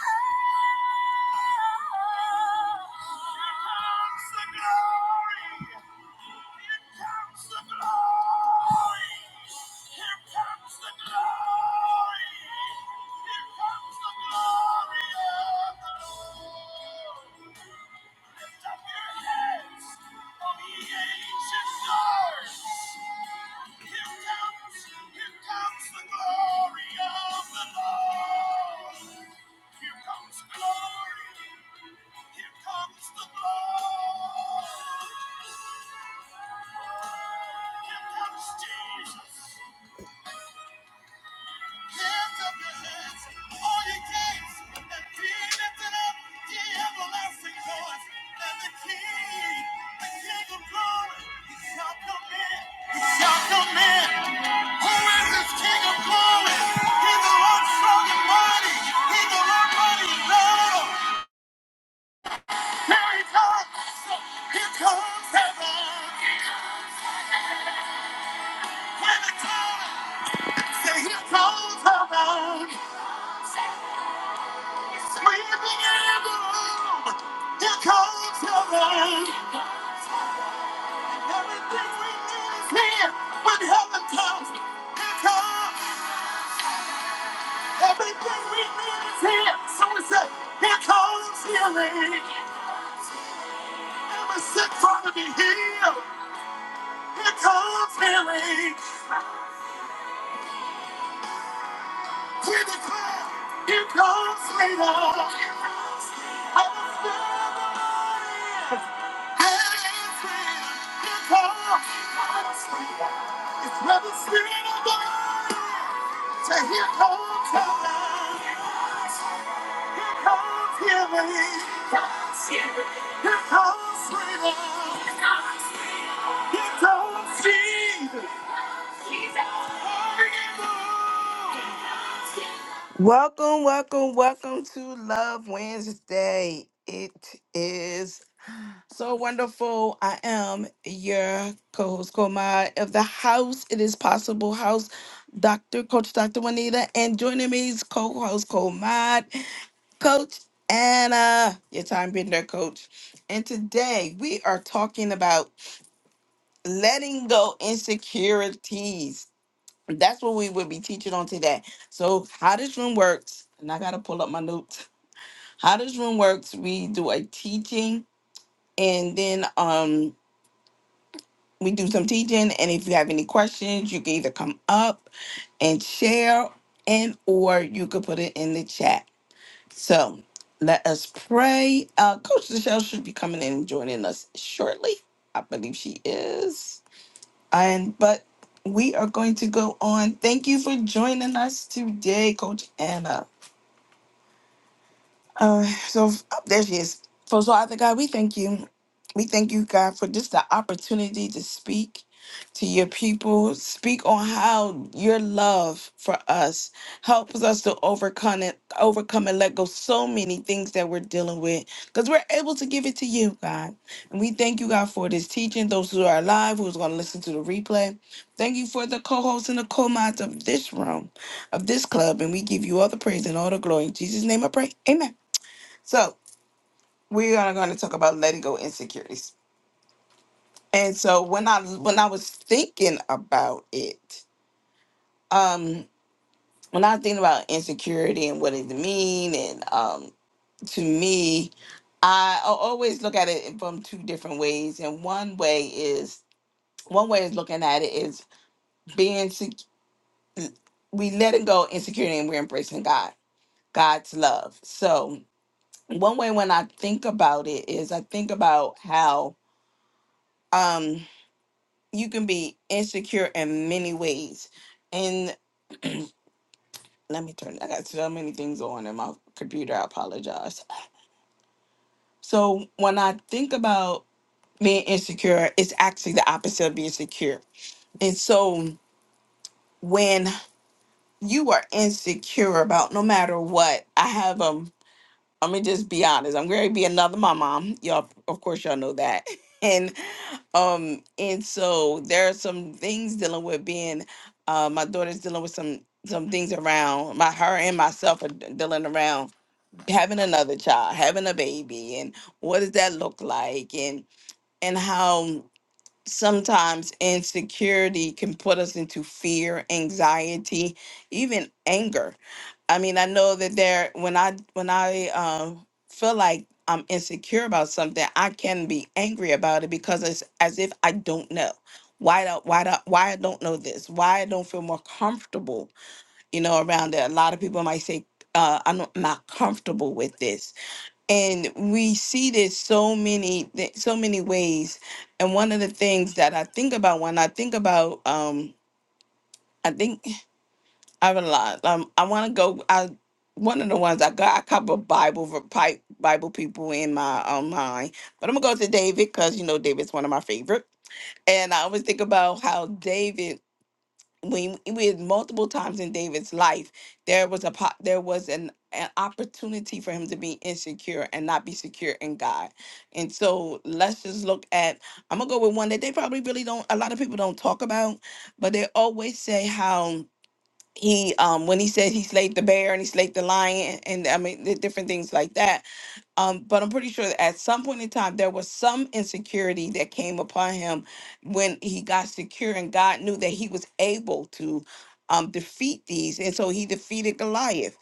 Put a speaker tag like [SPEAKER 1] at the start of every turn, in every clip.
[SPEAKER 1] Oh, Glory of the Lord! Here comes glory! Here comes the glory. Here comes Jesus. Lift up your heads, all you gates, and be lifted up, ye everlasting doors. And the King, the King of glory, he shall come in. He shall come in. Who is this King of glory? He's the Lord strong and mighty. He's the Lord mighty in battle. Here he comes. Here comes heaven. When a cry. Here comes the sweeping in the room. Here comes the rain. Everything we need is here. When heaven comes, here comes everything we need is here. So we say, here comes healing. Every sick father be healed. Here comes healing. We declare, here comes freedom. It's where the Spirit of God is. So here comes love. Here comes healing. Here comes freedom. Here comes Jesus. Welcome, welcome, welcome to Love Wednesday. It is So wonderful. I am your co host, Koma of the house. It is possible house, Dr. Coach Dr. Juanita, and joining me is co host, Komad, Coach Anna, your time being there, coach. And today we are talking about letting go insecurities. That's what we will be teaching on today. So, how this room works, and I got to pull up my notes. How this room works, we do a teaching and then um we do some teaching and if you have any questions you can either come up and share and or you could put it in the chat so let us pray uh coach michelle should be coming in and joining us shortly i believe she is and but we are going to go on thank you for joining us today coach anna uh, so f- oh, there she is. So, so Father God, we thank you. We thank you, God, for just the opportunity to speak to your people. Speak on how your love for us helps us to overcome it, overcome and let go so many things that we're dealing with. Because we're able to give it to you, God. And we thank you, God, for this teaching. Those who are alive, who's going to listen to the replay. Thank you for the co-hosts and the co-mods of this room, of this club. And we give you all the praise and all the glory. In Jesus' name I pray. Amen. So we are going to talk about letting go insecurities. And so when I when I was thinking about it, um, when I was thinking about insecurity and what it mean, and um, to me, I al- always look at it from two different ways. And one way is one way is looking at it is being sec- we letting go insecurity and we're embracing God, God's love. So one way when I think about it is I think about how. um, you can be insecure in many ways. And let me turn, I got so many things on in my computer. I apologize. So when I think about being insecure, it's actually the opposite of being secure. And so when you are insecure about no matter what, I have um, I'm gonna just be honest. I'm gonna be another mama. Y'all, of course, y'all know that. And um, and so there are some things dealing with being. Uh, my daughter's dealing with some some things around my her and myself are d- dealing around having another child, having a baby, and what does that look like, and and how sometimes insecurity can put us into fear, anxiety, even anger. I mean, I know that there when I when I uh, feel like I'm insecure about something, I can be angry about it because it's as if I don't know. Why don't why don't why I don't know this? Why I don't feel more comfortable, you know, around it. A lot of people might say, uh, I'm not not comfortable with this and we see this so many th- so many ways and one of the things that i think about when i think about um i think i realize um, i want to go i one of the ones i got a couple of bible ver- pi- bible people in my um, mind but i'm gonna go to david because you know david's one of my favorite and i always think about how david when with multiple times in David's life, there was a po- there was an, an opportunity for him to be insecure and not be secure in God. And so let's just look at I'm gonna go with one that they probably really don't a lot of people don't talk about, but they always say how he um when he said he slayed the bear and he slayed the lion and I mean the different things like that um, but I'm pretty sure that at some point in time there was some insecurity that came upon him when he got secure, and God knew that he was able to um, defeat these, and so he defeated Goliath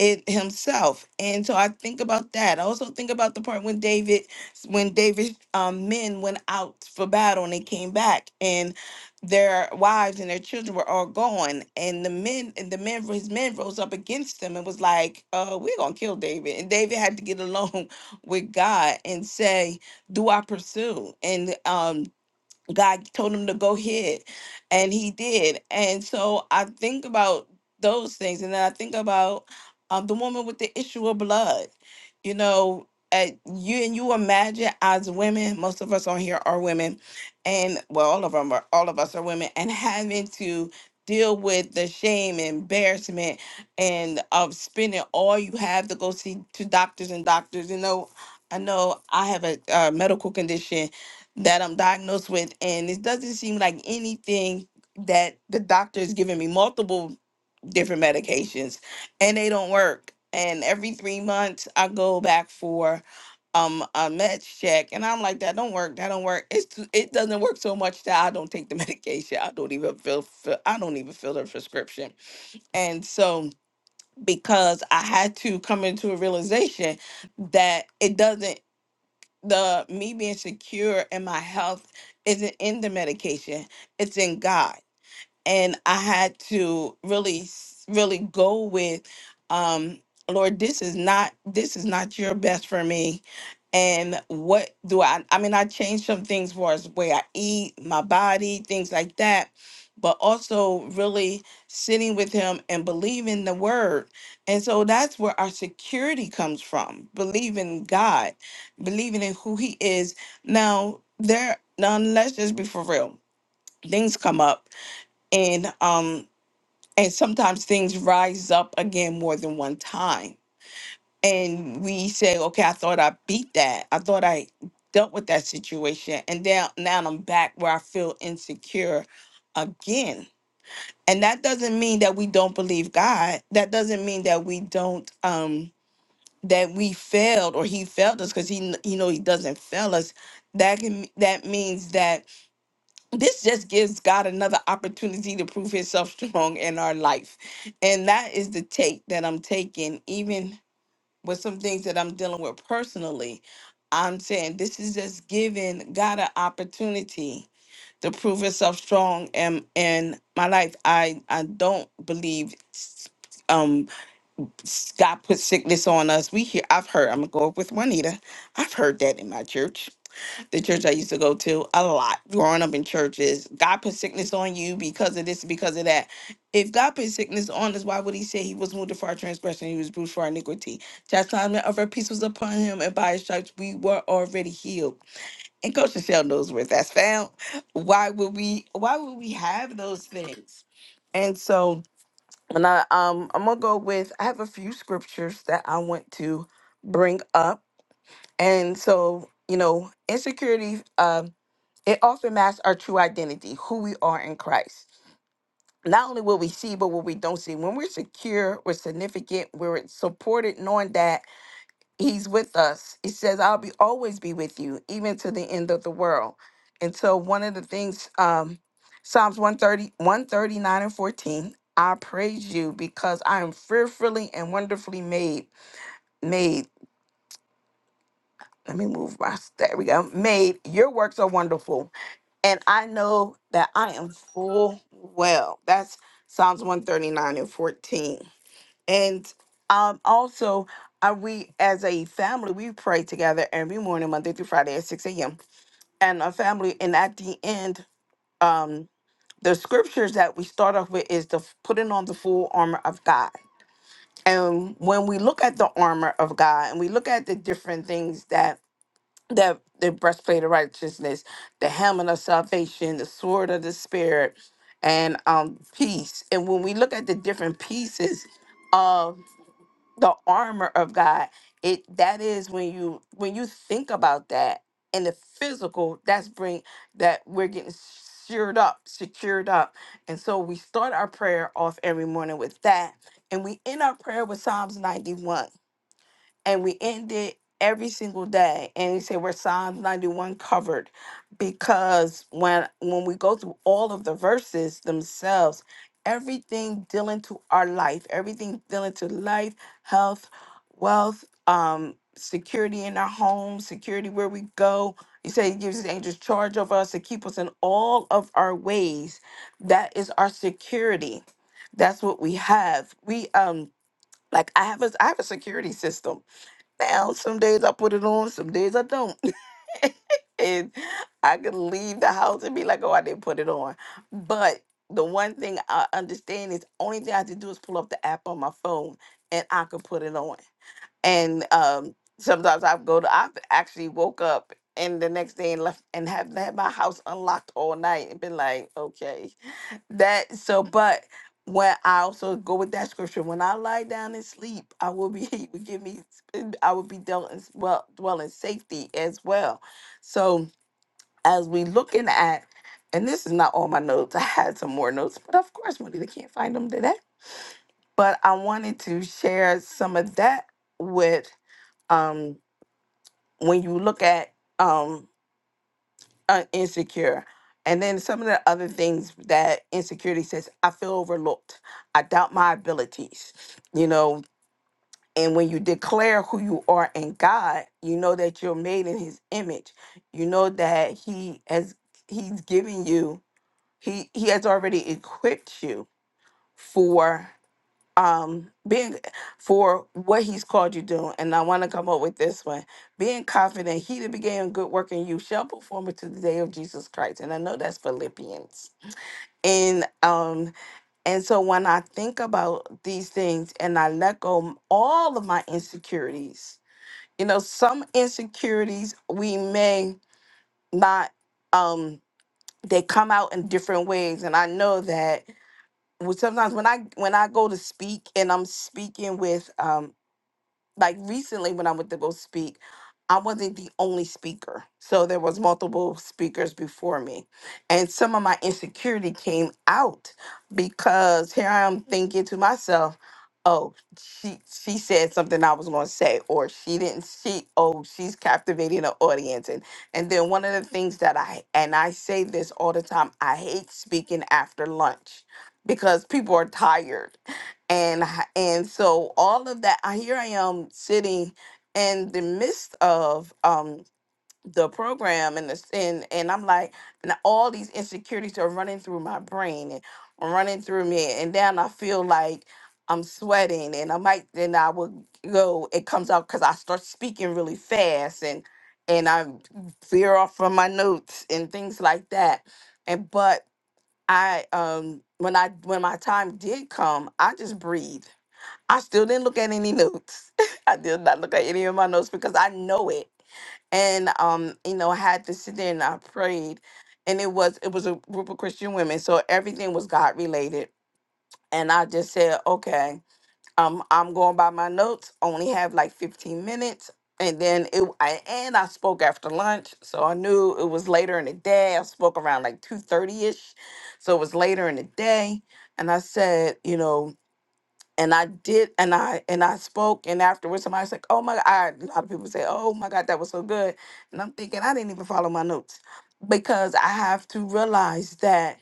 [SPEAKER 1] it himself. And so I think about that. I also think about the part when David, when David um, men went out for battle and they came back, their wives and their children were all gone and the men and the men his men rose up against them and was like uh we're gonna kill david and david had to get alone with god and say do i pursue and um God told him to go ahead, and he did. And so I think about those things, and then I think about um, the woman with the issue of blood. You know, at you and you imagine as women, most of us on here are women, and well, all of them are, all of us are women, and having to deal with the shame and embarrassment and of spending all you have to go see to doctors and doctors. You know, I know I have a, uh medical condition that I'm diagnosed with, and it doesn't seem like anything that the doctor is giving me multiple different medications, and they don't work. And every three months, I go back for um a med check, and I'm like, that don't work, that don't work. It's too, it doesn't work so much that I don't take the medication. I don't even feel, feel I don't even fill the prescription, and so because I had to come into a realization that it doesn't the me being secure in my health isn't in the medication it's in god and I had to really, s- really go with, um, Lord, this is not this is not your best for me. And what do I? I mean, I changed some things for as way I eat, my body, things like that, but also really sitting with Him and believing the Word. And so that's where our security comes from: believing God, believing in who He is. Now, there, now let's just be for real. Things come up and um and sometimes things rise up again more than one time and we say okay i thought i beat that i thought i dealt with that situation and now now i'm back where i feel insecure again and that doesn't mean that we don't believe god that doesn't mean that we don't um that we failed or he failed us because he kn- you know he doesn't fail us that can that means that this just gives God another opportunity to prove himself strong in our life. And that is the take that I'm taking, even with some things that I'm dealing with personally. I'm saying this is just giving God an opportunity to prove himself strong in, in my life. I, I don't believe s- um s- God put sickness on us. We hear I've heard, I'm gonna go up with Juanita. I've heard that in my church the church I used to go to a lot growing up in churches. God put sickness on you because of this, because of that. If God put sickness on us, why would he say he was wounded for our transgression? He was bruised for our iniquity. Chastisement of our peace was upon him, and by his stripes we were already healed. And Coach Michelle knows where that's found. Why would we why would we have those things? And so when I um I'm gonna go with I have a few scriptures that I want to bring up and so, you know, insecurity, um, it often masks our true identity, who we are in Christ. Not only what we see, but what we don't see. When we're secure, we're significant, we're supported, knowing that He's with us. He says, I'll be always be with you, even to the end of the world. And so, one of the things, um, Psalms one thirty one thirty nine and 14, I praise you because I am fearfully and wonderfully made. Made. let me move my there we go made your works are wonderful and i know that i am full well that's psalms 139 and 14 and um also uh, we as a family we pray together every morning monday through friday at 6 a.m and a family and at the end um the scriptures that we start off with is the putting on the full armor of god and when we look at the armor of god and we look at the different things that that the breastplate of righteousness, the helmet of salvation, the sword of the spirit, and um peace. And when we look at the different pieces of the armor of God, it that is when you when you think about that in the physical, that's bring that we're getting secured up, secured up. And so we start our prayer off every morning with that. And we end our prayer with Psalms 91 and we end it every single day and he said we're psalms 91 covered because when when we go through all of the verses themselves everything dealing to our life everything dealing to life health wealth um security in our home security where we go he said he gives his angels charge over us to keep us in all of our ways that is our security that's what we have we um like i have a i have a security system down. Some days I put it on, some days I don't. and I could leave the house and be like, oh, I didn't put it on. But the one thing I understand is only thing I have to do is pull up the app on my phone and I could put it on. And um, sometimes I go to, I've actually woke up and the next day and left and have had my house unlocked all night and been like, okay. That so, but when I also go with that scripture, when I lie down and sleep, I will be he will give me I will be dealt in well dwell in safety as well. So as we looking at, and this is not all my notes. I had some more notes, but of course, Juanita can't find them today. But I wanted to share some of that with um when you look at um uh, insecure. And then some of the other things that insecurity says, I feel overlooked. I doubt my abilities, you know. And when you declare who you are in God, you know that you're made in His image. You know that He has He's given you He He has already equipped you for um being for what he's called you doing, and i want to come up with this one being confident he that began good work in you shall perform it to the day of jesus christ and i know that's philippians and um and so when i think about these things and i let go m- all of my insecurities you know some insecurities we may not um they come out in different ways and i know that well, sometimes when I when I go to speak and I'm speaking with um, like recently when I went to go speak, I wasn't the only speaker. So there was multiple speakers before me. And some of my insecurity came out because here I am thinking to myself, oh, she she said something I was gonna say, or she didn't she oh, she's captivating the audience. And and then one of the things that I and I say this all the time, I hate speaking after lunch because people are tired and h- and so all of that I here I am sitting in the midst of um the program and this and and I'm like and all these insecurities are running through my brain and running through me and then I feel like I'm sweating and I might then I will go it comes out because I start speaking really fast and and I veer off from my notes and things like that and but I um when I when my time did come I just breathed I still didn't look at any notes. I did not look at any of my notes because I know it. And um, you know, I had to sit there and I prayed. And it was it was a group of Christian women. So everything was God related. And I just said, okay, um, I'm going by my notes, only have like 15 minutes. And then it I and I spoke after lunch. So I knew it was later in the day. I spoke around like 2:30 ish. So it was later in the day. And I said, you know, and I did, and I and I spoke, and afterwards somebody said, "Oh my God!" I, a lot of people say, "Oh my God, that was so good," and I'm thinking I didn't even follow my notes because I have to realize that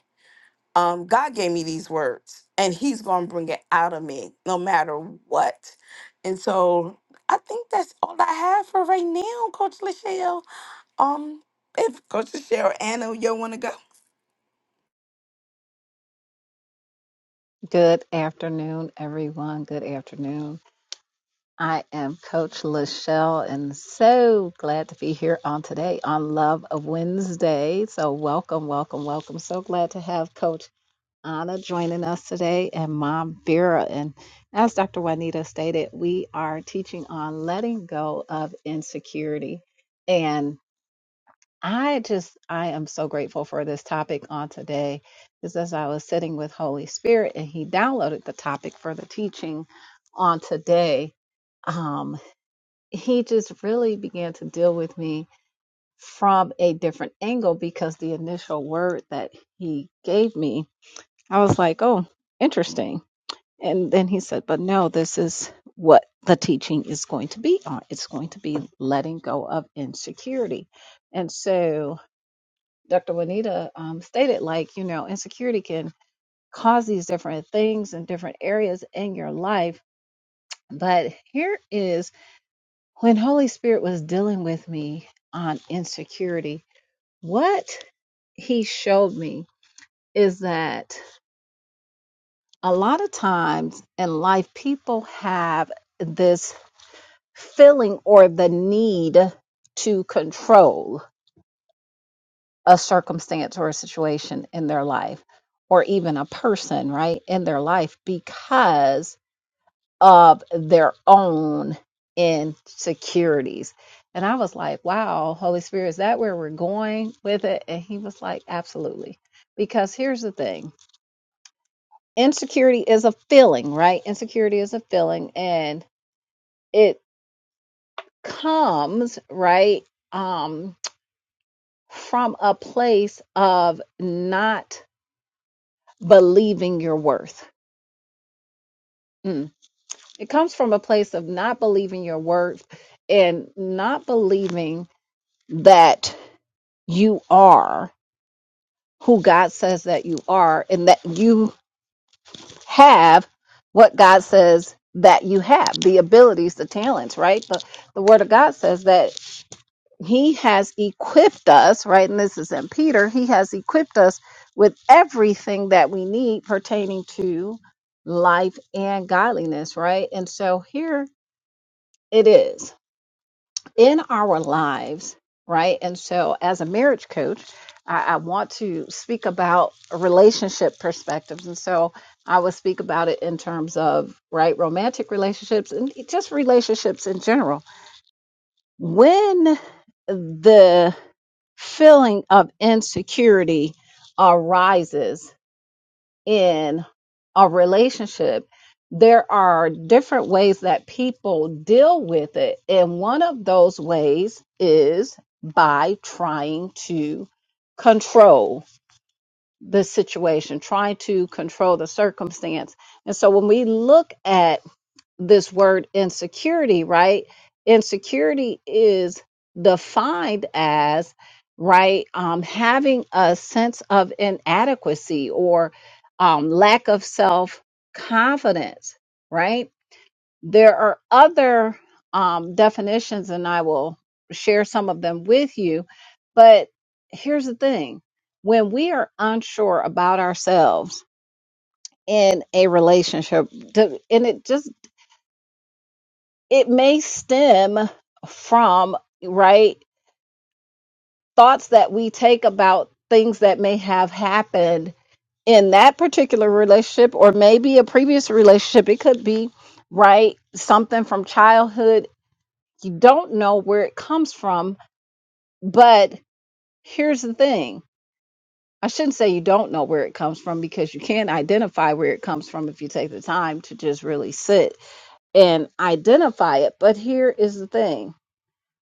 [SPEAKER 1] um, God gave me these words, and He's going to bring it out of me no matter what. And so I think that's all I have for right now, Coach Lachelle. Um, if Coach Lachelle, Anna, you want to go?
[SPEAKER 2] Good afternoon, everyone. Good afternoon. I am Coach Lachelle and so glad to be here on today on Love of Wednesday. So, welcome, welcome, welcome. So glad to have Coach Anna joining us today and Mom Vera. And as Dr. Juanita stated, we are teaching on letting go of insecurity. I just, I am so grateful for this topic on today. because as I was sitting with Holy Spirit and He downloaded the topic for the teaching on today, um, He just really began to deal with me from a different angle because the initial word that He gave me, I was like, oh, interesting. And then He said, but no, this is what the teaching is going to be on. It's going to be letting go of insecurity. And so, Dr. Juanita um, stated, like, you know, insecurity can cause these different things in different areas in your life. But here is when Holy Spirit was dealing with me on insecurity, what he showed me is that a lot of times in life, people have this feeling or the need to control a circumstance or a situation in their life or even a person, right, in their life because of their own insecurities. And I was like, wow, Holy Spirit, is that where we're going with it? And he was like, absolutely. Because here's the thing insecurity is a feeling, right? Insecurity is a feeling and it comes, right, um, from a place of not believing your worth Mm. It comes from a place of not believing your worth and not believing that you are who God says that you are and that you have what God says that you have the abilities, the talents, right? But the Word of God says that He has equipped us, right? And this is in Peter, He has equipped us with everything that we need pertaining to life and godliness, right? And so here it is in our lives, right? And so, as a marriage coach, I, I want to speak about relationship perspectives. And so, I will speak about it in terms of, right, romantic relationships and just relationships in general. When the feeling of insecurity arises, in a relationship, there are different ways that people deal with it. And one of those ways is by trying to control the situation, trying to control the circumstance. And so when we look at this word insecurity, right? Insecurity is defined as, right, um, having a sense of inadequacy or um, lack of self confidence, right? There are other um, definitions, and I will share some of them with you. But here's the thing when we are unsure about ourselves, in a relationship, to- and it just it may stem from right thoughts that we take about things that may have happened in that particular relationship or maybe a previous relationship it could be right something from childhood you don't know where it comes from but here's the thing i shouldn't say you don't know where it comes from because you can identify where it comes from if you take the time to just really sit and identify it but here is the thing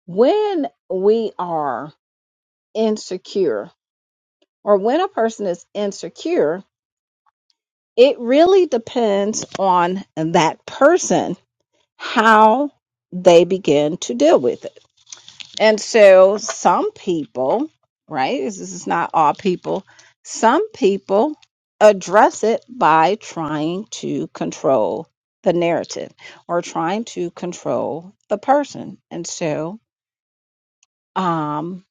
[SPEAKER 2] when we are insecure or when a person is insecure, it really depends on that person how they begin to deal with it. And so some people, right? This is not all people. Some people address it by trying to control the narrative or trying to control the person. And so um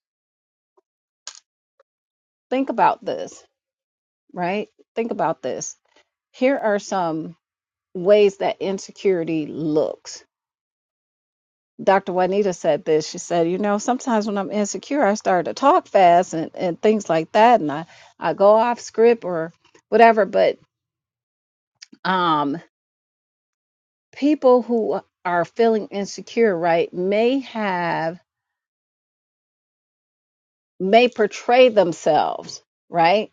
[SPEAKER 2] think about this, right? Think about this. Here are some ways that insecurity looks. Dr. Juanita said this. She said, you know, sometimes when I'm insecure, I start to talk fast and, and things like that, and I, I go off script or whatever. But um, people who are feeling insecure, right, may have, may portray themselves, right,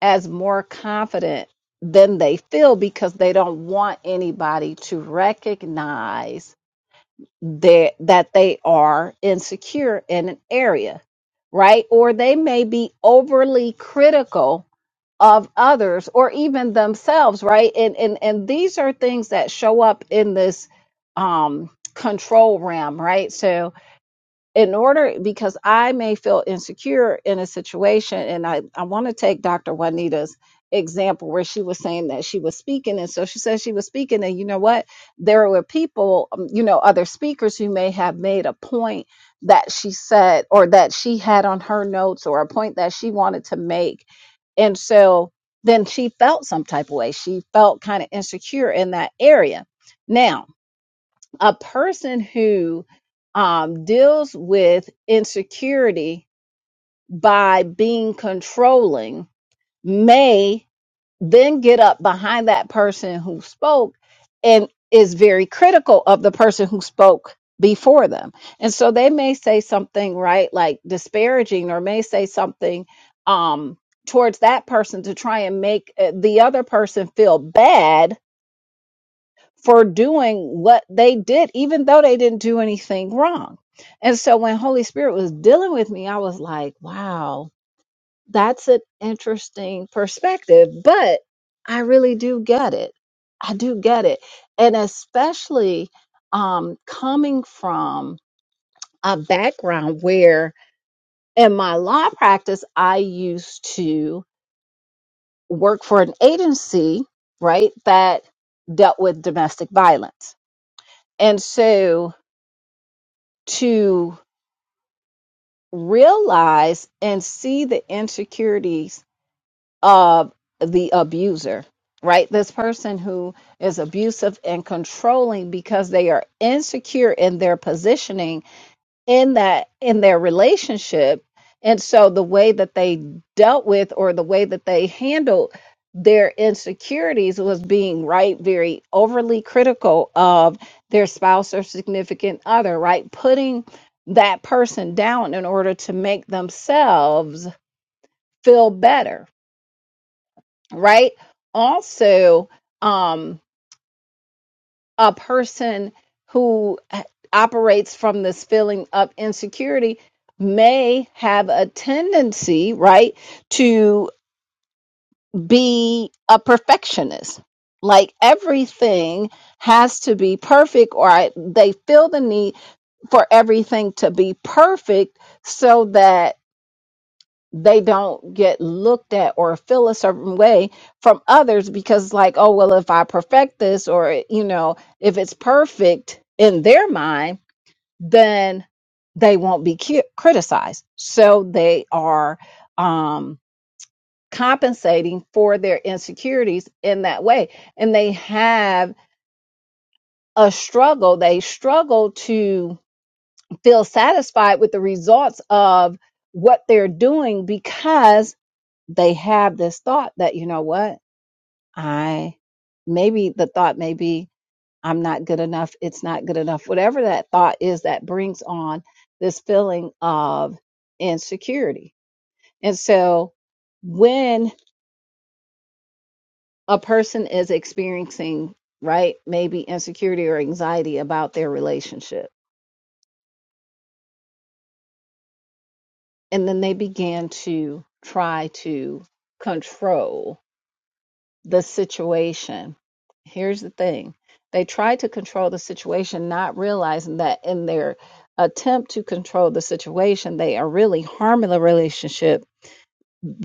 [SPEAKER 2] as more confident than they feel because they don't want anybody to recognize that that they are insecure in an area right or they may be overly critical of others or even themselves right and and and these are things that show up in this um control realm right so in order because I may feel insecure in a situation, and I, I want to take Dr. Juanita's example where she was saying that she was speaking, and so she said she was speaking, and you know what? There were people, um, you know, other speakers who may have made a point that she said or that she had on her notes or a point that she wanted to make. And so then she felt some type of way. She felt kind of insecure in that area. Now, a person who um, deals with insecurity by being controlling may then get up behind that person who spoke and is very critical of the person who spoke before them. And so they may say something, right, like disparaging, or may say something um, towards that person to try and make uh, the other person feel bad for doing what they did, even though they didn't do anything wrong. And so when Holy Spirit was dealing with me, I was like, wow, that's an interesting perspective, but I really do get it. I do get it. And especially um, coming from a background where in my law practice, I used to work for an agency, right, that dealt with domestic violence. And so to realize and see the insecurities of the abuser, right? This person who is abusive and controlling because they are insecure in their positioning in that in their relationship and so the way that they dealt with or the way that they handled their insecurities was being right very overly critical of their spouse or significant other right putting that person down in order to make themselves feel better right also um a person who eh, operates from this feeling of insecurity may have a tendency, right, to be a perfectionist. Like everything has to be perfect, or I, they feel the need for everything to be perfect so that they don't get looked at or feel a certain way from others because like oh well if i perfect this or you know if it's perfect in their mind then they won't be cu- criticized so they are um compensating for their insecurities in that way and they have a struggle they struggle to feel satisfied with the results of what they're doing because they have this thought that you know what i maybe the thought may be i'm not good enough it's not good enough whatever that thought is that brings on this feeling of insecurity and so when a person is experiencing right maybe insecurity or anxiety about their relationship and then they begin to try to control the situation. Here's the thing they try to control the situation, not realizing that in their attempt to control the situation, they are really harming the relationship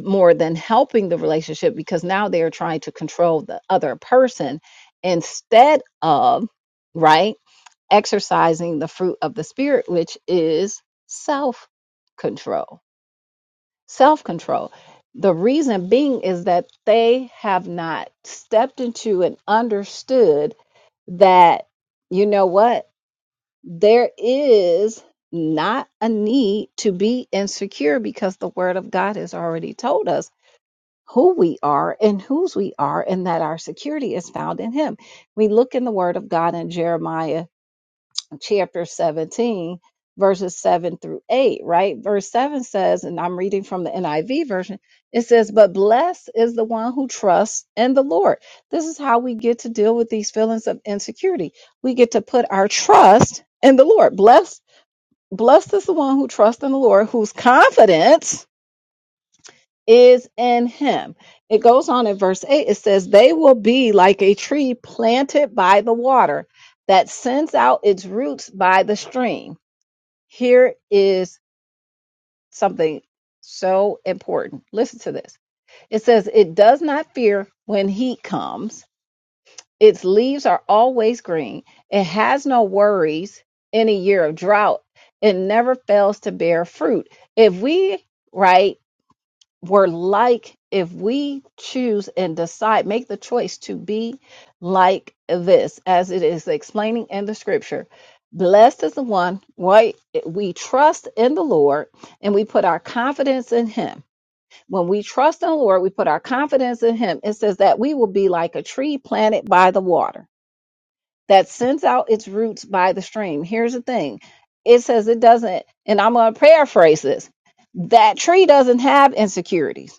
[SPEAKER 2] more than helping the relationship because now they are trying to control the other person instead of, right, exercising the fruit of the spirit, which is self control self control. The reason being is that they have not stepped into and understood that, you know what, there is not a need to be insecure because the word of God has already told us who we are and whose we are, and that our security is found in Him. We look in the word of God in Jeremiah chapter 17, verses 7 through 8, right? Verse 7 says, and I'm reading from the NIV version, it says, But blessed is the one who trusts in the Lord. This is how we get to deal with these feelings of insecurity. We get to put our trust in the Lord. Blessed, blessed is the one who trusts in the Lord, whose confidence is in him. It goes on in verse 8, it says, They will be like a tree planted by the water that sends out its roots by the stream here is something so important. Listen to this. It says, It does not fear when heat comes. Its leaves are always green. It has no worries in a year of drought. It never fails to bear fruit. If we, right, were like if we choose and decide make the choice to be like this as it is explaining in the scripture blessed is the one right we trust in the lord and we put our confidence in him when we trust in the lord we put our confidence in him it says that we will be like a tree planted by the water that sends out its roots by the stream here's the thing it says it doesn't and i'm going to paraphrase this that tree doesn't have insecurities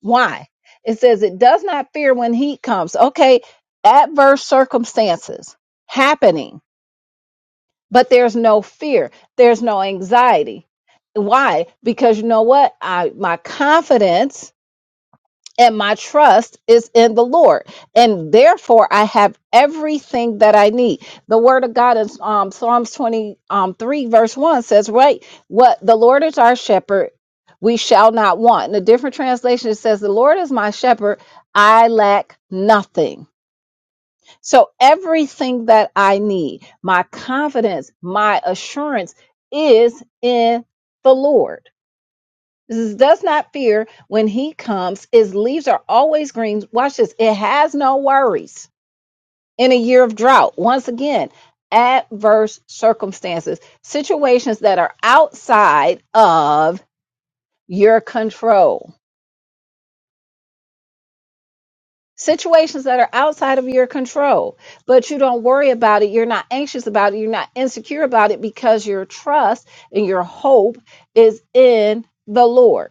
[SPEAKER 2] why? It says it does not fear when heat comes. Okay, adverse circumstances happening, but there's no fear. There's no anxiety. Why? Because you know what? I my confidence and my trust is in the Lord, and therefore I have everything that I need. The Word of God is um, Psalms twenty um, three verse one says, "Right, what the Lord is our shepherd, we shall not want." In a different translation, it says, "The Lord is my shepherd; I lack nothing." So everything that I need, my confidence, my assurance is in the Lord. This does not fear when he comes. His leaves are always green. Watch this. It has no worries in a year of drought. Once again, adverse circumstances, situations that are outside of your control. Situations that are outside of your control, but you don't worry about it. You're not anxious about it. You're not insecure about it because your trust and your hope is in the Lord.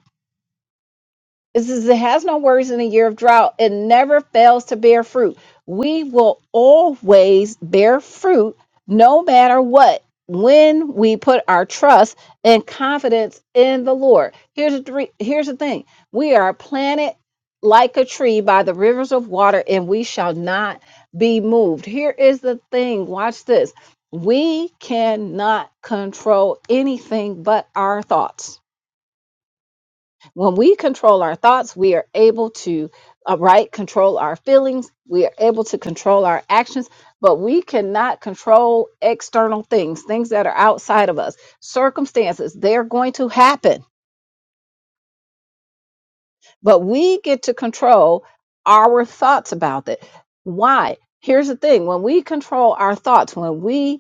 [SPEAKER 2] It says it has no worries in a year of drought. It never fails to bear fruit. We will always bear fruit no matter what when we put our trust and confidence in the Lord. Here's the three, here's the thing. We are planted like a tree by the rivers of water and we shall not be moved. Here is the thing. Watch this. We cannot control anything but our thoughts when we control our thoughts, we are able to, uh, right, control our feelings. We are able to control our actions, but we cannot control external things, things that are outside of us, circumstances. They're going to happen, but we get to control our thoughts about it. Why? Here's the thing when we control our thoughts, when we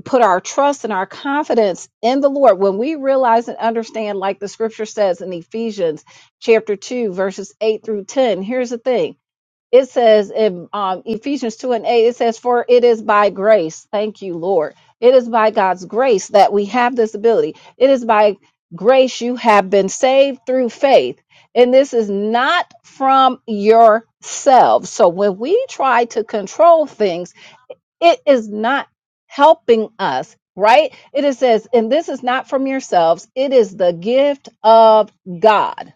[SPEAKER 2] put our trust and our confidence in the Lord, when we realize and understand, like the scripture says in Ephesians chapter 2, verses 8 through 10, here's the thing it says in um, Ephesians 2 and 8, it says, For it is by grace, thank you, Lord. It is by God's grace that we have this ability. It is by grace you have been saved through faith. And this is not from yourselves. So when we try to control things, it is not helping us right It says and this is not from yourselves it is the gift of god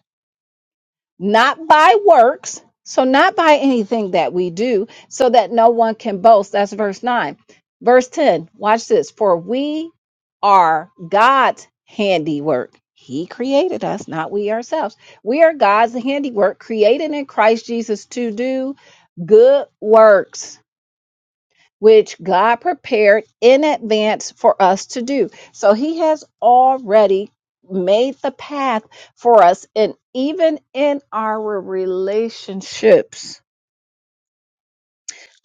[SPEAKER 2] not by works so not by anything that we do so that no one can boast that's verse 9 verse 10 watch this for we are god's handiwork he created us not we ourselves we are god's handiwork created in christ jesus to do good works which God prepared in advance for us to do. So he has already made the path for us. And even in our relationships,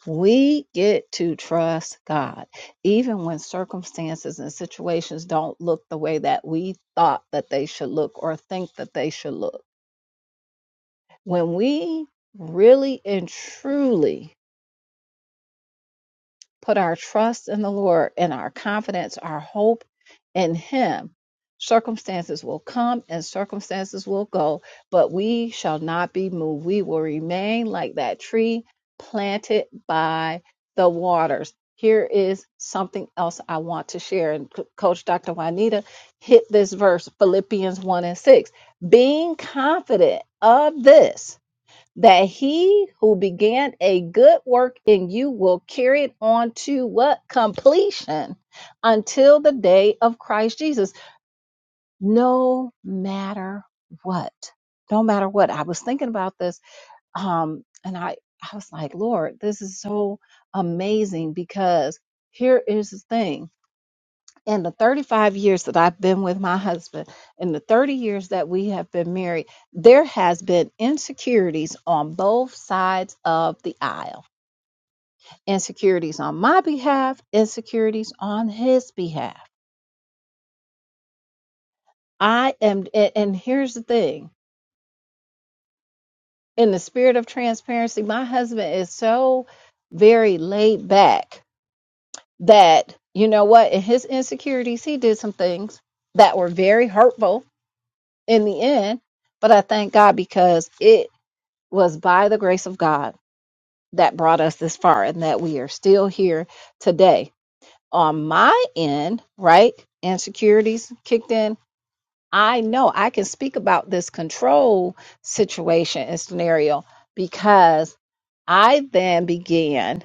[SPEAKER 2] we get to trust God, even when circumstances and situations don't look the way that we thought that they should look or think that they should look. When we really and truly put our trust in the Lord and our confidence, our hope in Him, circumstances will come and circumstances will go, but we shall not be moved. We will remain like that tree planted by the waters. Here is something else I want to share. And Coach Dr. Juanita hit this verse, Philippians 1 and 6. Being confident of this that he who began a good work in you will carry it on to what completion until the day of Christ Jesus, no matter what. No matter what. I was thinking about this, um, and I, I was like, Lord, this is so amazing because here is the thing in the 35 years that I've been with my husband, in the 30 years that we have been married, there has been insecurities on both sides of the aisle. Insecurities on my behalf, insecurities on his behalf. I am a- and here's the thing, in the spirit of transparency, my husband is so very laid back that you know what, in his insecurities, he did some things that were very hurtful in the end but I thank God because it was by the grace of God that brought us this far and that we are still here today. On my end, right? Insecurities kicked in. I know I can speak about this control situation and scenario because I then began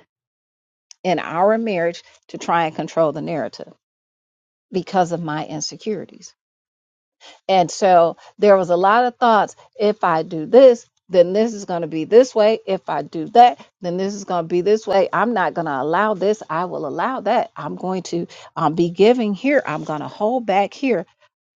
[SPEAKER 2] in our marriage to try and control the narrative because of my insecurities And so there was a lot of thoughts. If I do this, then this is going to be this way. If I do that, then this is going to be this way. I'm not going to allow this. I will allow that. I'm going to um, be giving here. I'm going to hold back here.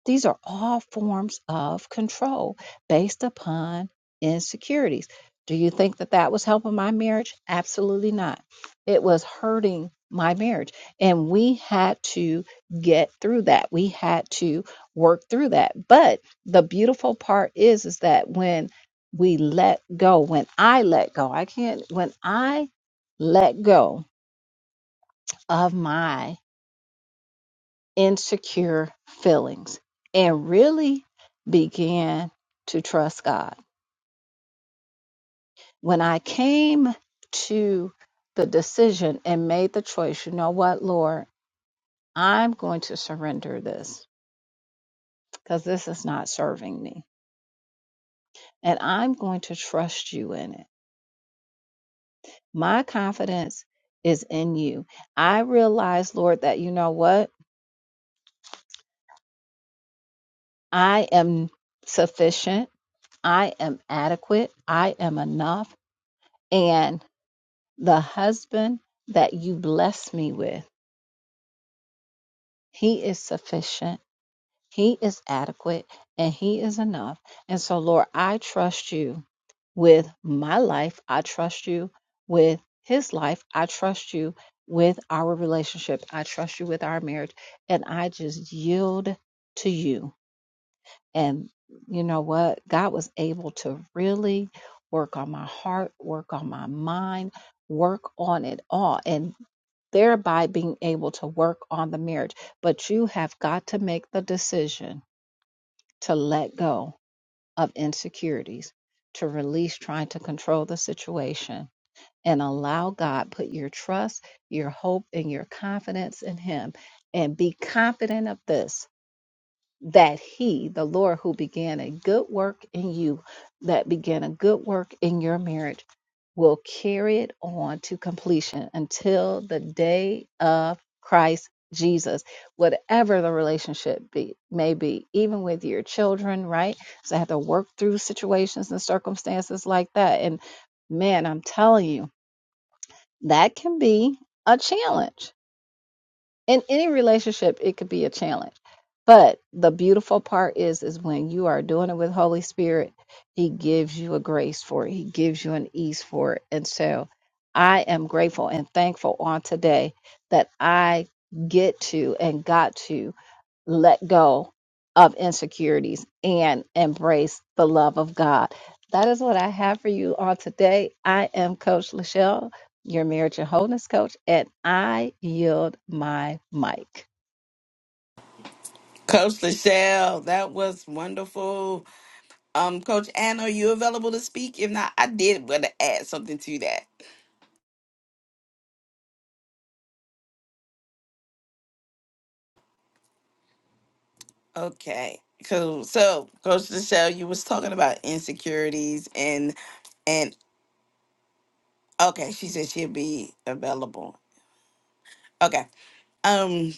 [SPEAKER 2] These are all forms of control based upon insecurities. Do you think that that was helping my marriage? Absolutely not. It was hurting my marriage. And we had to get through that. We had to work through that. But the beautiful part is is that when we let go, when I let go, I can't when I let go of my insecure feelings and really began to trust God. When I came to the decision and made the choice, you know what, Lord, I'm going to surrender this because this is not serving me. And I'm going to trust you in it. My confidence is in you. I realize, Lord, that you know what? I am sufficient. I am adequate. I am enough. and the husband that you bless me with, he is sufficient, he is adequate, and he is enough. And so, Lord, I trust you with my life. I trust you with his life. I trust you with our relationship. I trust you with our marriage. And I just yield to you. And you know what? God was able to really work on my heart, work on my mind, work on it all, and thereby being able to work on the marriage. But you have got to make the decision to let go of insecurities, to release trying to control the situation. And allow God, put your trust, your hope, and your confidence in Him. And be confident of this that he, the Lord who began a good work in you, that began a good work in your marriage, will carry it on to completion until the day of Christ Jesus, whatever the relationship be, may be, even with your children, right? So I have to work through situations and circumstances like that. And man, I'm telling you, that can be a challenge in any relationship it could be a challenge but the beautiful part is is when you are doing it with holy spirit he gives you a grace for it he gives you an ease for it and so i am grateful and thankful on today that i get to and got to let go of insecurities and embrace the love of God. That is what I have for you on today. I am Coach Lachelle, your marriage and wholeness coach, and I yield my mic.
[SPEAKER 1] Coach Lachelle, that was wonderful. Um, Coach Ann, are you available to speak? If not, I did want to add something to that. Okay, cool. So, Coach Michelle, you was talking about insecurities and and okay, she said she'll be available. Okay. Um,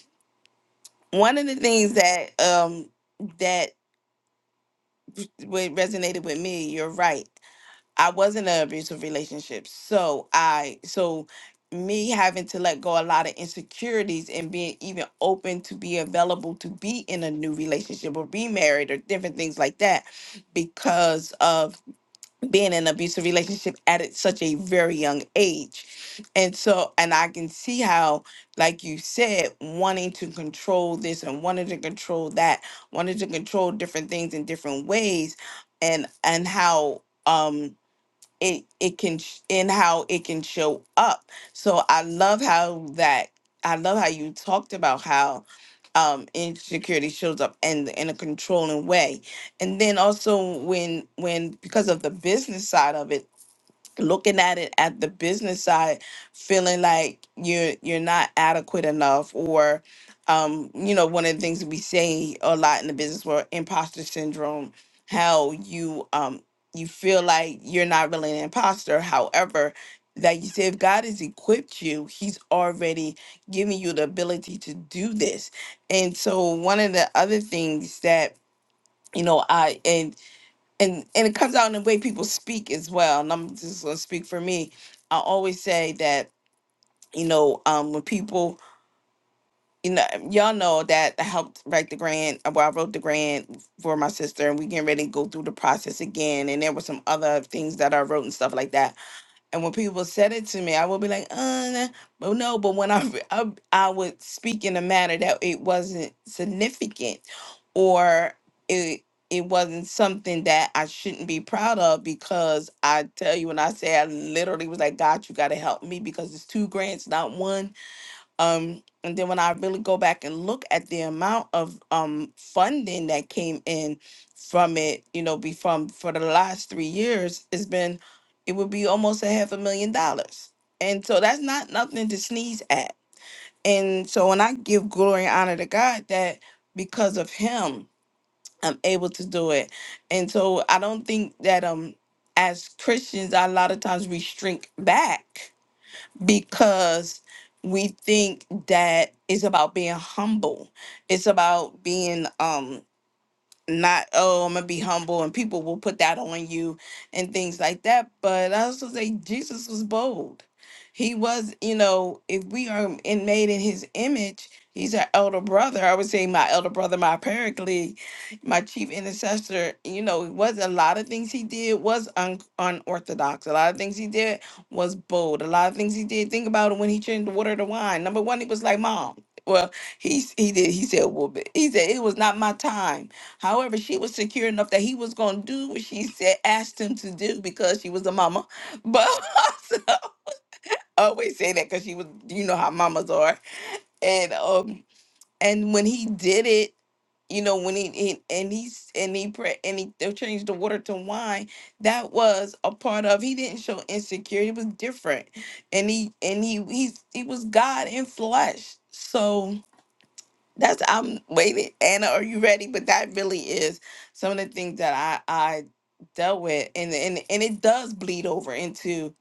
[SPEAKER 1] one of the things that um that what resonated with me, you're right. I was in an abusive relationship. So I so me having to let go a lot of insecurities and being even open to be available to be in a new relationship or be married or different things like that because of being in an abusive relationship at it- such a very young age. And so and I can see how like you said wanting to control this and wanting to control that, wanting to control different things in different ways and and how um it it can sh- and how it can show up. So I love how that I love how you talked about how um insecurity shows up in in a controlling way. And then also when when because of the business side of it looking at it at the business side feeling like you're you're not adequate enough or um you know one of the things that we say a lot in the business world imposter syndrome how you um you feel like you're not really an imposter however like you said if god has equipped you he's already giving you the ability to do this and so one of the other things that you know i and and and it comes out in the way people speak as well. And I'm just gonna speak for me. I always say that you know um, when people you know y'all know that I helped write the grant. uh, Well, I wrote the grant for my sister, and we getting ready to go through the process again. And there were some other things that I wrote and stuff like that. And when people said it to me, I would be like, uh, nah," but no. But when I, re- I I would speak in a manner that it wasn't significant, or it it wasn't something that I shouldn't be proud of because I tell you when I say I literally was like, God, you got to help me because it's two grants, not one um, and then when I really go back and look at the amount of um funding that came in from it, you know, be from for the last three years, it's been it would be almost a half a million dollars. And so that's not nothing to sneeze at. And so when I give glory and honor to God that because of him, I'm able to do it. And so I don't think that um as Christians a lot of times we shrink back because we think that it's about being humble. It's about being um not oh i'm gonna be humble and people will put that on you and things like that but i also say jesus was bold he was you know if we are in made in his image he's our elder brother i would say my elder brother my paraclete my chief intercessor you know it was a lot of things he did was un- unorthodox a lot of things he did was bold a lot of things he did think about it when he changed the water to wine number one he was like mom well he s- he did he said well but-" he said it was not my time However, she was secure enough that he was going to do what she said, asked him to do because she was a mama. But also, I always say that because she was, you know how mamas are. And um, and when he did it, you know, when he, he and he s- and he pre- and he they changed the water to wine, that was a part of. He didn't show insecurity; it was different, and he and he he he was God in flesh. So that's I'm waiting. Anna, are you ready? But that really is some of the things that I I dealt with, and and and it does bleed over into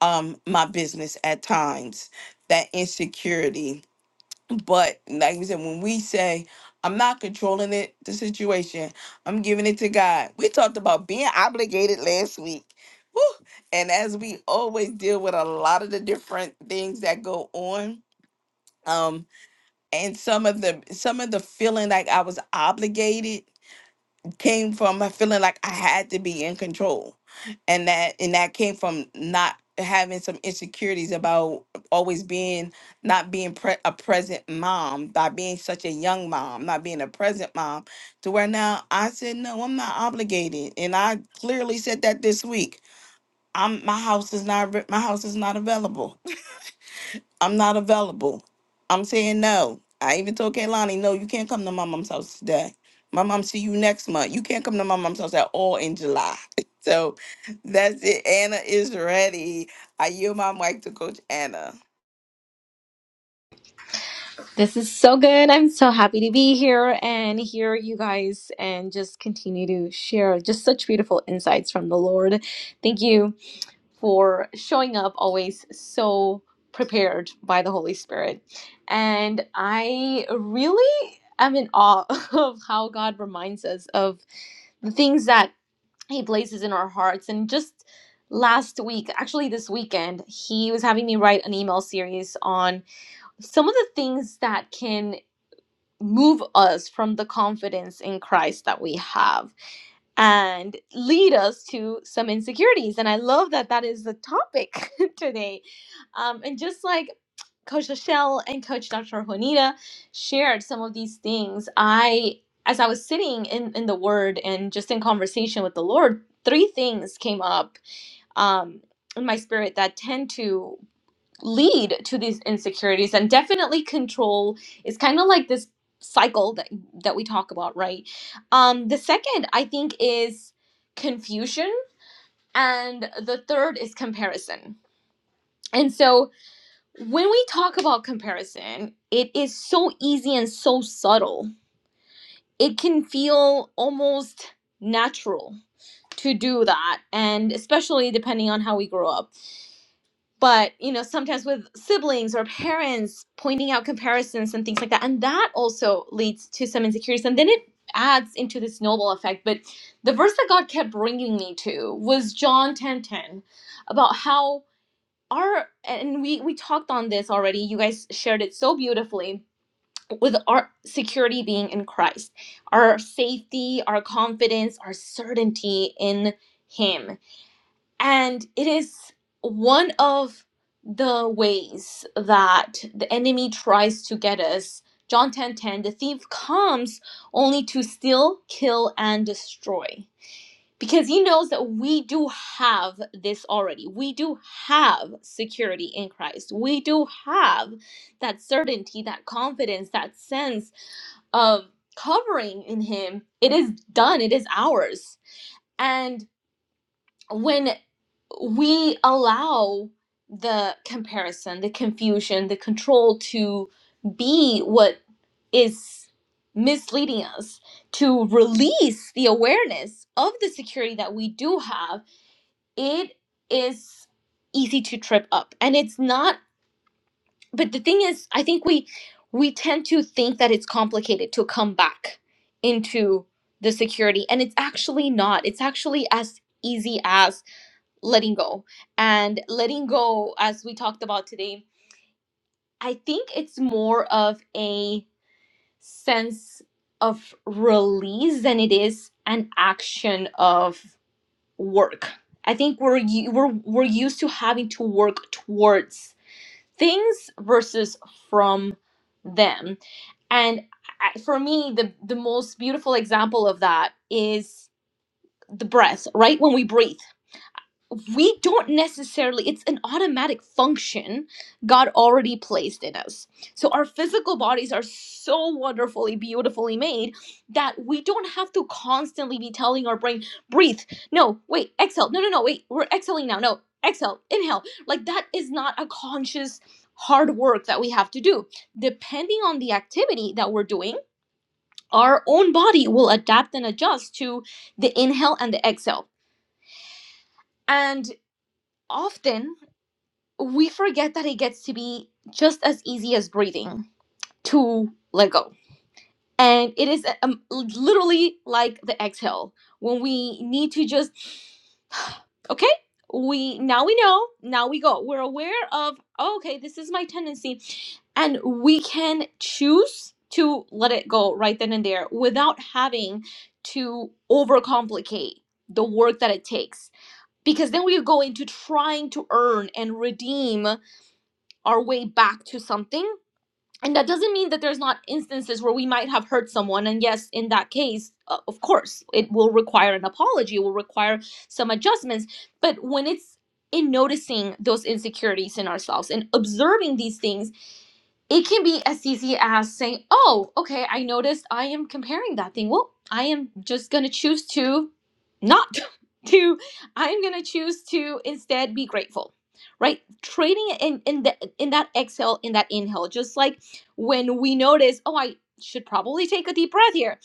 [SPEAKER 1] um my business at times. That insecurity, but like we said, when we say I'm not controlling it, the situation, I'm giving it to God. We talked about being obligated last week. Woo! And as we always deal with a lot of the different things that go on, um, and some of the some of the feeling like I was obligated came from a feeling like I had to be in control, and that and that came from not having some insecurities about always being not being pre- a present mom, by being such a young mom, not being a present mom, to where now I said no, I'm not obligated, and I clearly said that this week. I'm my house is not re- my house is not available. I'm not available. I'm saying no. I even told Kaylani, no, you can't come to my mom's house today. My mom see you next month. You can't come to my mom's house at all in July. So that's it. Anna is ready. I yield my mic to Coach Anna.
[SPEAKER 3] This is so good. I'm so happy to be here and hear you guys and just continue to share just such beautiful insights from the Lord. Thank you for showing up always so prepared by the Holy Spirit. And I really am in awe of how God reminds us of the things that he places in our hearts and just last week actually this weekend he was having me write an email series on some of the things that can move us from the confidence in Christ that we have and lead us to some insecurities. And I love that that is the topic today. Um, and just like Coach Lachelle and Coach Dr. Juanita shared some of these things, I, as I was sitting in, in the Word and just in conversation with the Lord, three things came up um, in my spirit that tend to lead to these insecurities and definitely control is kind of like this cycle that that we talk about right um the second i think is confusion and the third is comparison and so when we talk about comparison it is so easy and so subtle it can feel almost natural to do that and especially depending on how we grow up but you know sometimes with siblings or parents pointing out comparisons and things like that and that also leads to some insecurities and then it adds into this snowball effect but the verse that god kept bringing me to was john 10 10, about how our and we we talked on this already you guys shared it so beautifully with our security being in christ our safety our confidence our certainty in him and it is one of the ways that the enemy tries to get us. John 10:10, the thief comes only to steal, kill, and destroy. Because he knows that we do have this already. We do have security in Christ. We do have that certainty, that confidence, that sense of covering in him. It is done, it is ours. And when we allow the comparison, the confusion, the control to be what is misleading us to release the awareness of the security that we do have. It is easy to trip up. And it's not but the thing is, I think we we tend to think that it's complicated to come back into the security and it's actually not. It's actually as easy as letting go and letting go as we talked about today i think it's more of a sense of release than it is an action of work i think we're u- we're we're used to having to work towards things versus from them and I, for me the the most beautiful example of that is the breath right when we breathe we don't necessarily it's an automatic function god already placed in us so our physical bodies are so wonderfully beautifully made that we don't have to constantly be telling our brain breathe no wait exhale no no no wait we're exhaling now no exhale inhale like that is not a conscious hard work that we have to do depending on the activity that we're doing our own body will adapt and adjust to the inhale and the exhale and often we forget that it gets to be just as easy as breathing to let go. And it is um, literally like the exhale when we need to just, okay, we now we know, now we go. We're aware of, oh, okay, this is my tendency. And we can choose to let it go right then and there without having to overcomplicate the work that it takes. Because then we go into trying to earn and redeem our way back to something and that doesn't mean that there's not instances where we might have hurt someone and yes in that case uh, of course it will require an apology it will require some adjustments but when it's in noticing those insecurities in ourselves and observing these things it can be as easy as saying, "Oh, okay, I noticed I am comparing that thing. Well, I am just going to choose to not to I'm going to choose to instead be grateful." Right? Trading it in in the, in that exhale, in that inhale, just like when we notice, "Oh, I should probably take a deep breath here."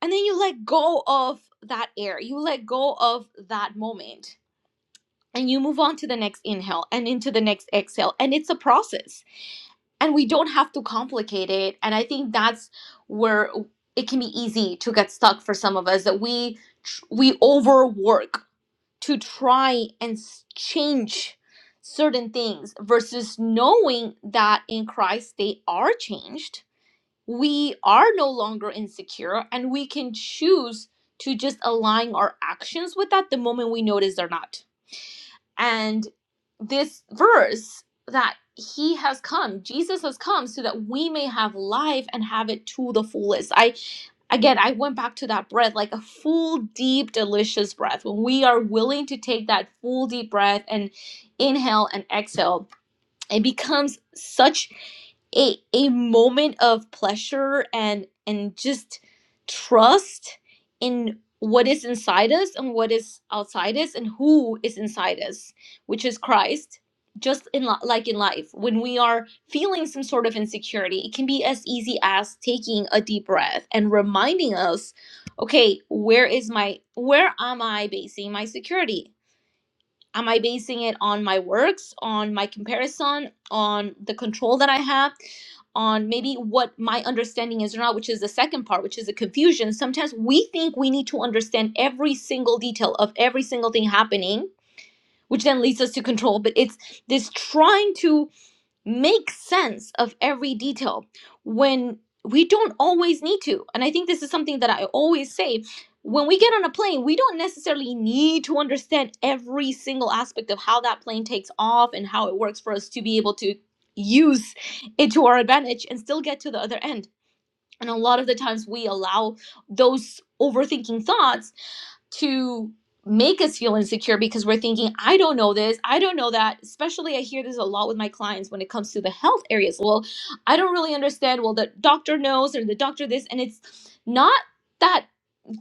[SPEAKER 3] And then you let go of that air. You let go of that moment. And you move on to the next inhale and into the next exhale. And it's a process and we don't have to complicate it and i think that's where it can be easy to get stuck for some of us that we tr- we overwork to try and s- change certain things versus knowing that in christ they are changed we are no longer insecure and we can choose to just align our actions with that the moment we notice they're not and this verse that he has come, Jesus has come so that we may have life and have it to the fullest. I again, I went back to that breath like a full, deep, delicious breath. When we are willing to take that full, deep breath and inhale and exhale, it becomes such a a moment of pleasure and and just trust in what is inside us and what is outside us and who is inside us which is christ just in li- like in life when we are feeling some sort of insecurity it can be as easy as taking a deep breath and reminding us okay where is my where am i basing my security am i basing it on my works on my comparison on the control that i have on maybe what my understanding is or not which is the second part which is the confusion sometimes we think we need to understand every single detail of every single thing happening which then leads us to control but it's this trying to make sense of every detail when we don't always need to. And I think this is something that I always say. When we get on a plane, we don't necessarily need to understand every single aspect of how that plane takes off and how it works for us to be able to use it to our advantage and still get to the other end. And a lot of the times we allow those overthinking thoughts to make us feel insecure because we're thinking, I don't know this, I don't know that. Especially, I hear this a lot with my clients when it comes to the health areas. Well, I don't really understand. Well, the doctor knows, or the doctor this, and it's not that.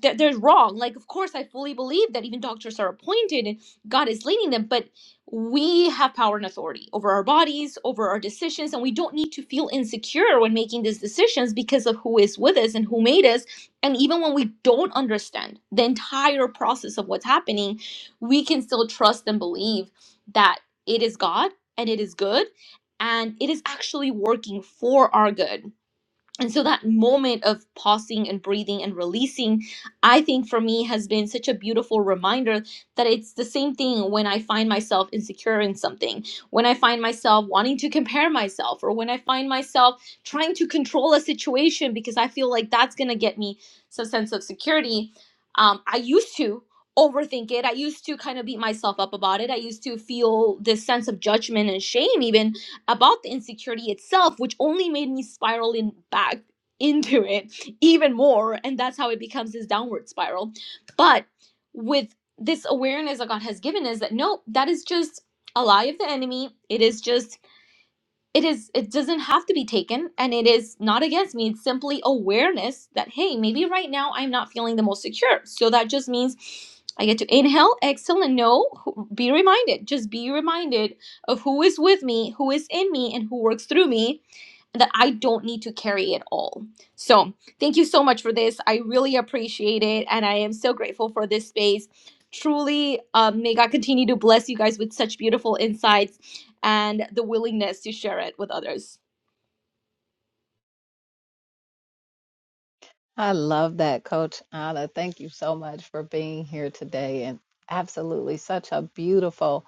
[SPEAKER 3] That they're wrong. Like, of course, I fully believe that even doctors are appointed and God is leading them, but we have power and authority over our bodies, over our decisions, and we don't need to feel insecure when making these decisions because of who is with us and who made us and even when we don't understand the entire process of what's happening, we can still trust and believe that it is God and it is good and it is actually working for our good and so that moment of pausing and breathing and releasing, I think for me has been such a beautiful reminder that it's the same thing when I find myself insecure in something, when I find myself wanting to compare myself, or when I find myself trying to control a situation because I feel like that's going to get me some sense of security. Um, I used to overthink it. I used to kind of beat myself up about it. I used to feel this sense of judgment and shame, even about the insecurity itself, which only made me spiral in back into it even more. And that's how it becomes this downward spiral. But with this awareness that God has given us, that no, that is just a lie of the enemy. It is just it is it doesn't have to be taken and it is not against me it's simply awareness that hey maybe right now i'm not feeling the most secure so that just means i get to inhale exhale and know be reminded just be reminded of who is with me who is in me and who works through me that I don't need to carry it all. So, thank you so much for this. I really appreciate it. And I am so grateful for this space. Truly, um, may God continue to bless you guys with such beautiful insights and the willingness to share it with others.
[SPEAKER 2] I love that, Coach Anna. Thank you so much for being here today and absolutely such a beautiful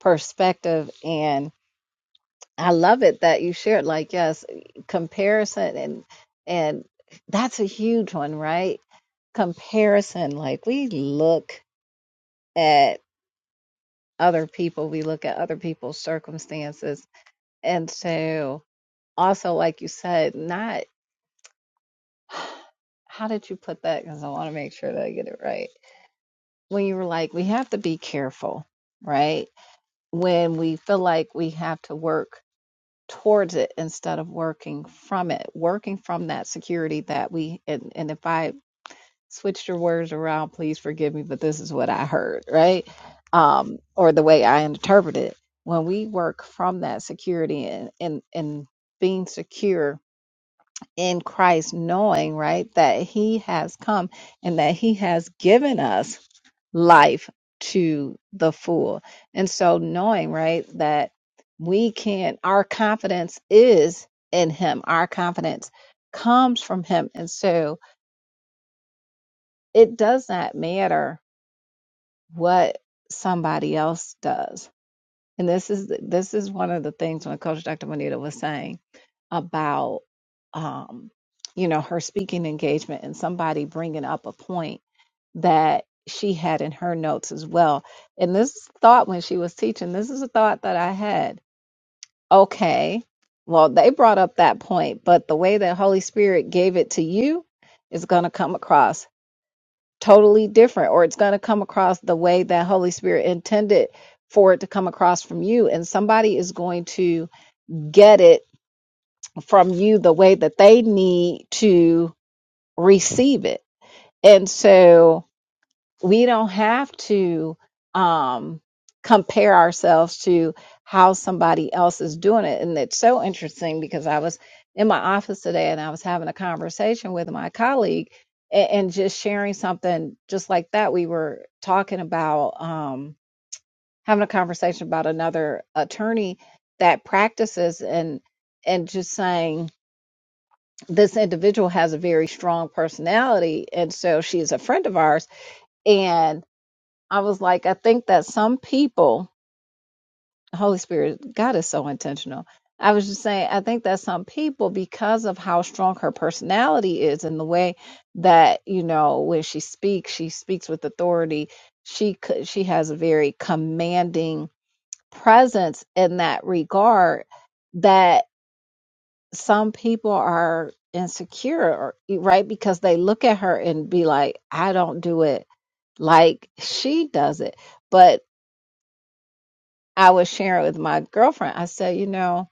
[SPEAKER 2] perspective and. I love it that you shared like yes, comparison and and that's a huge one, right? Comparison like we look at other people, we look at other people's circumstances. And so also like you said, not how did you put that cuz I want to make sure that I get it right. When you were like we have to be careful, right? When we feel like we have to work towards it instead of working from it, working from that security that we, and, and if I switched your words around, please forgive me, but this is what I heard, right? Um, or the way I interpret it. When we work from that security and, and, and being secure in Christ, knowing, right, that He has come and that He has given us life to the full. And so, knowing, right, that we can, our confidence is in Him, our confidence comes from Him. And so, it does not matter what somebody else does And this is this is one of the things when Coach Dr. Monita was saying about um, you know her speaking engagement and somebody bringing up a point that she had in her notes as well. And this thought when she was teaching, this is a thought that I had. Okay, well they brought up that point, but the way that Holy Spirit gave it to you is going to come across totally different or it's going to come across the way that holy spirit intended for it to come across from you and somebody is going to get it from you the way that they need to receive it and so we don't have to um, compare ourselves to how somebody else is doing it. And it's so interesting because I was in my office today and I was having a conversation with my colleague and, and just sharing something just like that. We were talking about um, having a conversation about another attorney that practices and and just saying this individual has a very strong personality and so she is a friend of ours and. I was like, I think that some people, the Holy Spirit, God is so intentional. I was just saying, I think that some people, because of how strong her personality is and the way that, you know, when she speaks, she speaks with authority. She could, she has a very commanding presence in that regard that some people are insecure, or- right? Because they look at her and be like, I don't do it like she does it. But I was sharing with my girlfriend. I said, you know,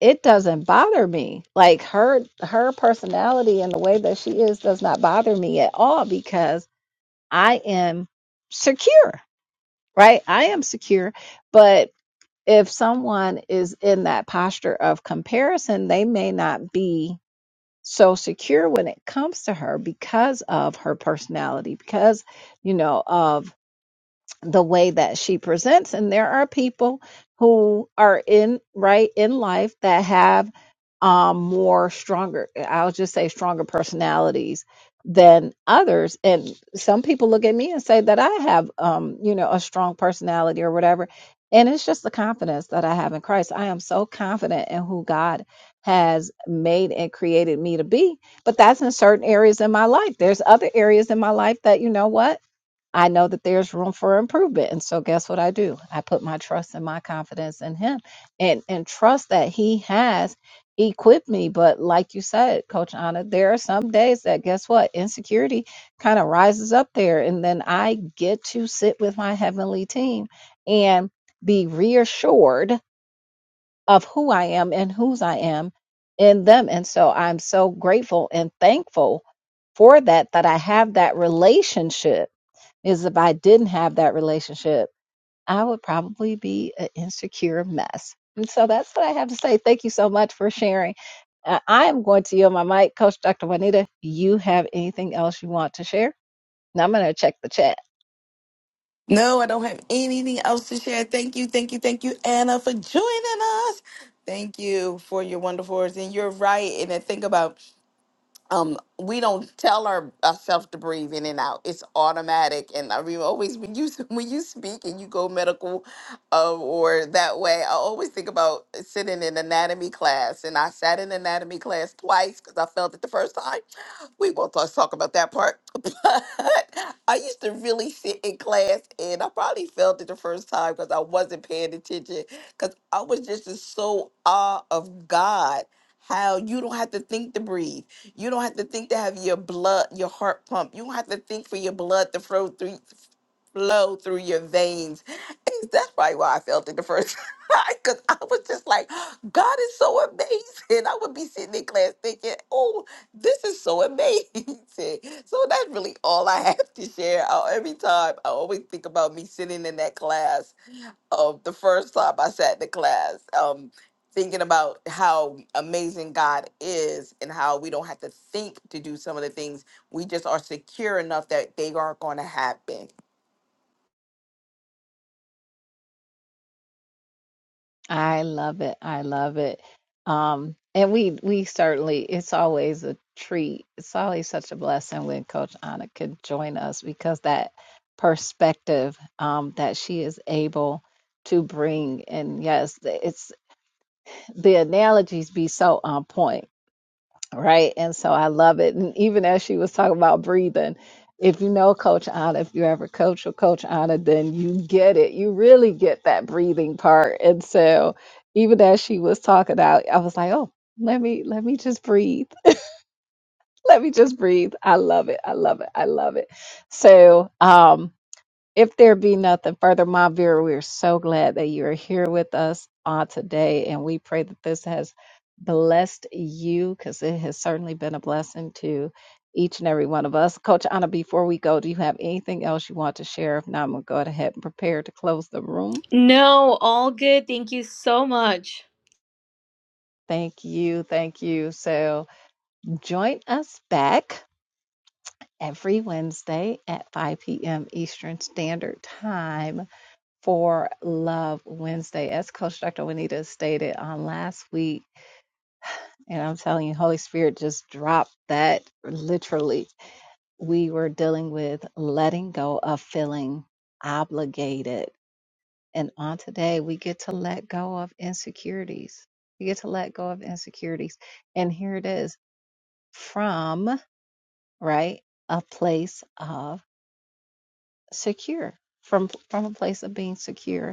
[SPEAKER 2] it doesn't bother me. Like her her personality and the way that she is does not bother me at all because I am secure, right? I am secure, but if someone is in that posture of comparison, they may not be so secure when it comes to her because of her personality, because you know of the way that she presents and there are people who are in right in life that have um more stronger i'll just say stronger personalities than others and some people look at me and say that i have um you know a strong personality or whatever and it's just the confidence that i have in christ i am so confident in who god has made and created me to be but that's in certain areas in my life there's other areas in my life that you know what I know that there's room for improvement. And so guess what I do? I put my trust and my confidence in him and and trust that he has equipped me. But like you said, Coach Anna, there are some days that guess what? Insecurity kind of rises up there. And then I get to sit with my heavenly team and be reassured of who I am and whose I am in them. And so I'm so grateful and thankful for that that I have that relationship is if I didn't have that relationship, I would probably be an insecure mess. And so that's what I have to say. Thank you so much for sharing. Uh, I am going to yield my mic. Coach Dr. Juanita, you have anything else you want to share? Now I'm going to check the chat.
[SPEAKER 1] No, I don't have anything else to share. Thank you, thank you, thank you, Anna, for joining us. Thank you for your wonderful words. And you're right. And I think about um, we don't tell our, ourselves to breathe in and out. It's automatic. And I mean, always when you when you speak and you go medical uh, or that way, I always think about sitting in anatomy class. And I sat in anatomy class twice because I felt it the first time. We won't talk, talk about that part. But I used to really sit in class and I probably felt it the first time because I wasn't paying attention because I was just in so awe of God how you don't have to think to breathe. You don't have to think to have your blood, your heart pump. You don't have to think for your blood to flow through flow through your veins. And that's probably why I felt it the first time. Cause I was just like, God is so amazing. I would be sitting in class thinking, oh, this is so amazing. So that's really all I have to share. I, every time I always think about me sitting in that class of the first time I sat in the class, um, thinking about how amazing God is and how we don't have to think to do some of the things. We just are secure enough that they are going to happen.
[SPEAKER 2] I love it. I love it. Um, and we we certainly it's always a treat. It's always such a blessing when Coach Anna could join us because that perspective um, that she is able to bring. And yes, it's the analogies be so on point right? And so I love it. And even as she was talking about breathing, if you know Coach Anna, if you ever coach with Coach Anna, then you get it. You really get that breathing part. And so even as she was talking out, I was like, oh, let me let me just breathe. Let me just breathe. I love it. I love it. I love it. So um if there be nothing further, my viewer, we are so glad that you are here with us on today, and we pray that this has blessed you because it has certainly been a blessing to each and every one of us. Coach Anna, before we go, do you have anything else you want to share? If not, I'm going to go ahead and prepare to close the room.
[SPEAKER 3] No, all good. Thank you so much.
[SPEAKER 2] Thank you. Thank you. So join us back every Wednesday at 5 p.m. Eastern Standard Time for Love Wednesday, as Coach Dr. Juanita stated on last week. And I'm telling you, Holy Spirit just dropped that literally. We were dealing with letting go of feeling obligated. And on today, we get to let go of insecurities. We get to let go of insecurities. And here it is from, right, a place of secure, from, from a place of being secure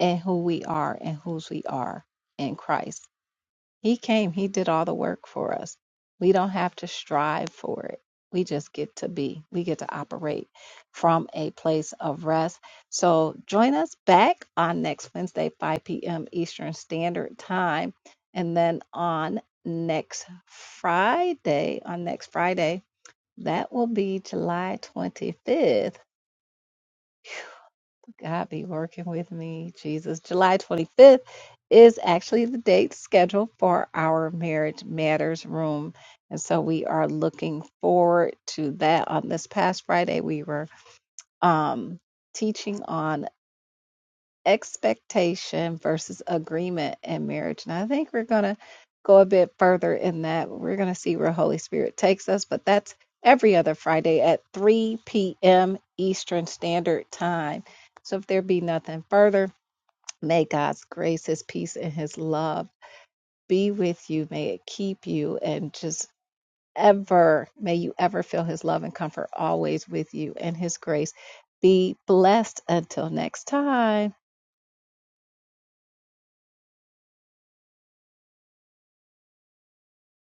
[SPEAKER 2] and who we are and whose we are in Christ. He came, He did all the work for us. We don't have to strive for it. We just get to be, we get to operate from a place of rest. So join us back on next Wednesday, 5 p.m. Eastern Standard Time. And then on next Friday, on next Friday, that will be July 25th God be working with me, Jesus. July 25th is actually the date scheduled for our Marriage Matters Room. And so we are looking forward to that. On this past Friday, we were um, teaching on expectation versus agreement in marriage. And I think we're going to go a bit further in that. We're going to see where Holy Spirit takes us, but that's every other Friday at 3 p.m. Eastern Standard Time. So if there be nothing further, May God's grace, His peace, and His love be with you. May it keep you and just ever, may you ever feel His love and comfort always with you and His grace. Be blessed until next time.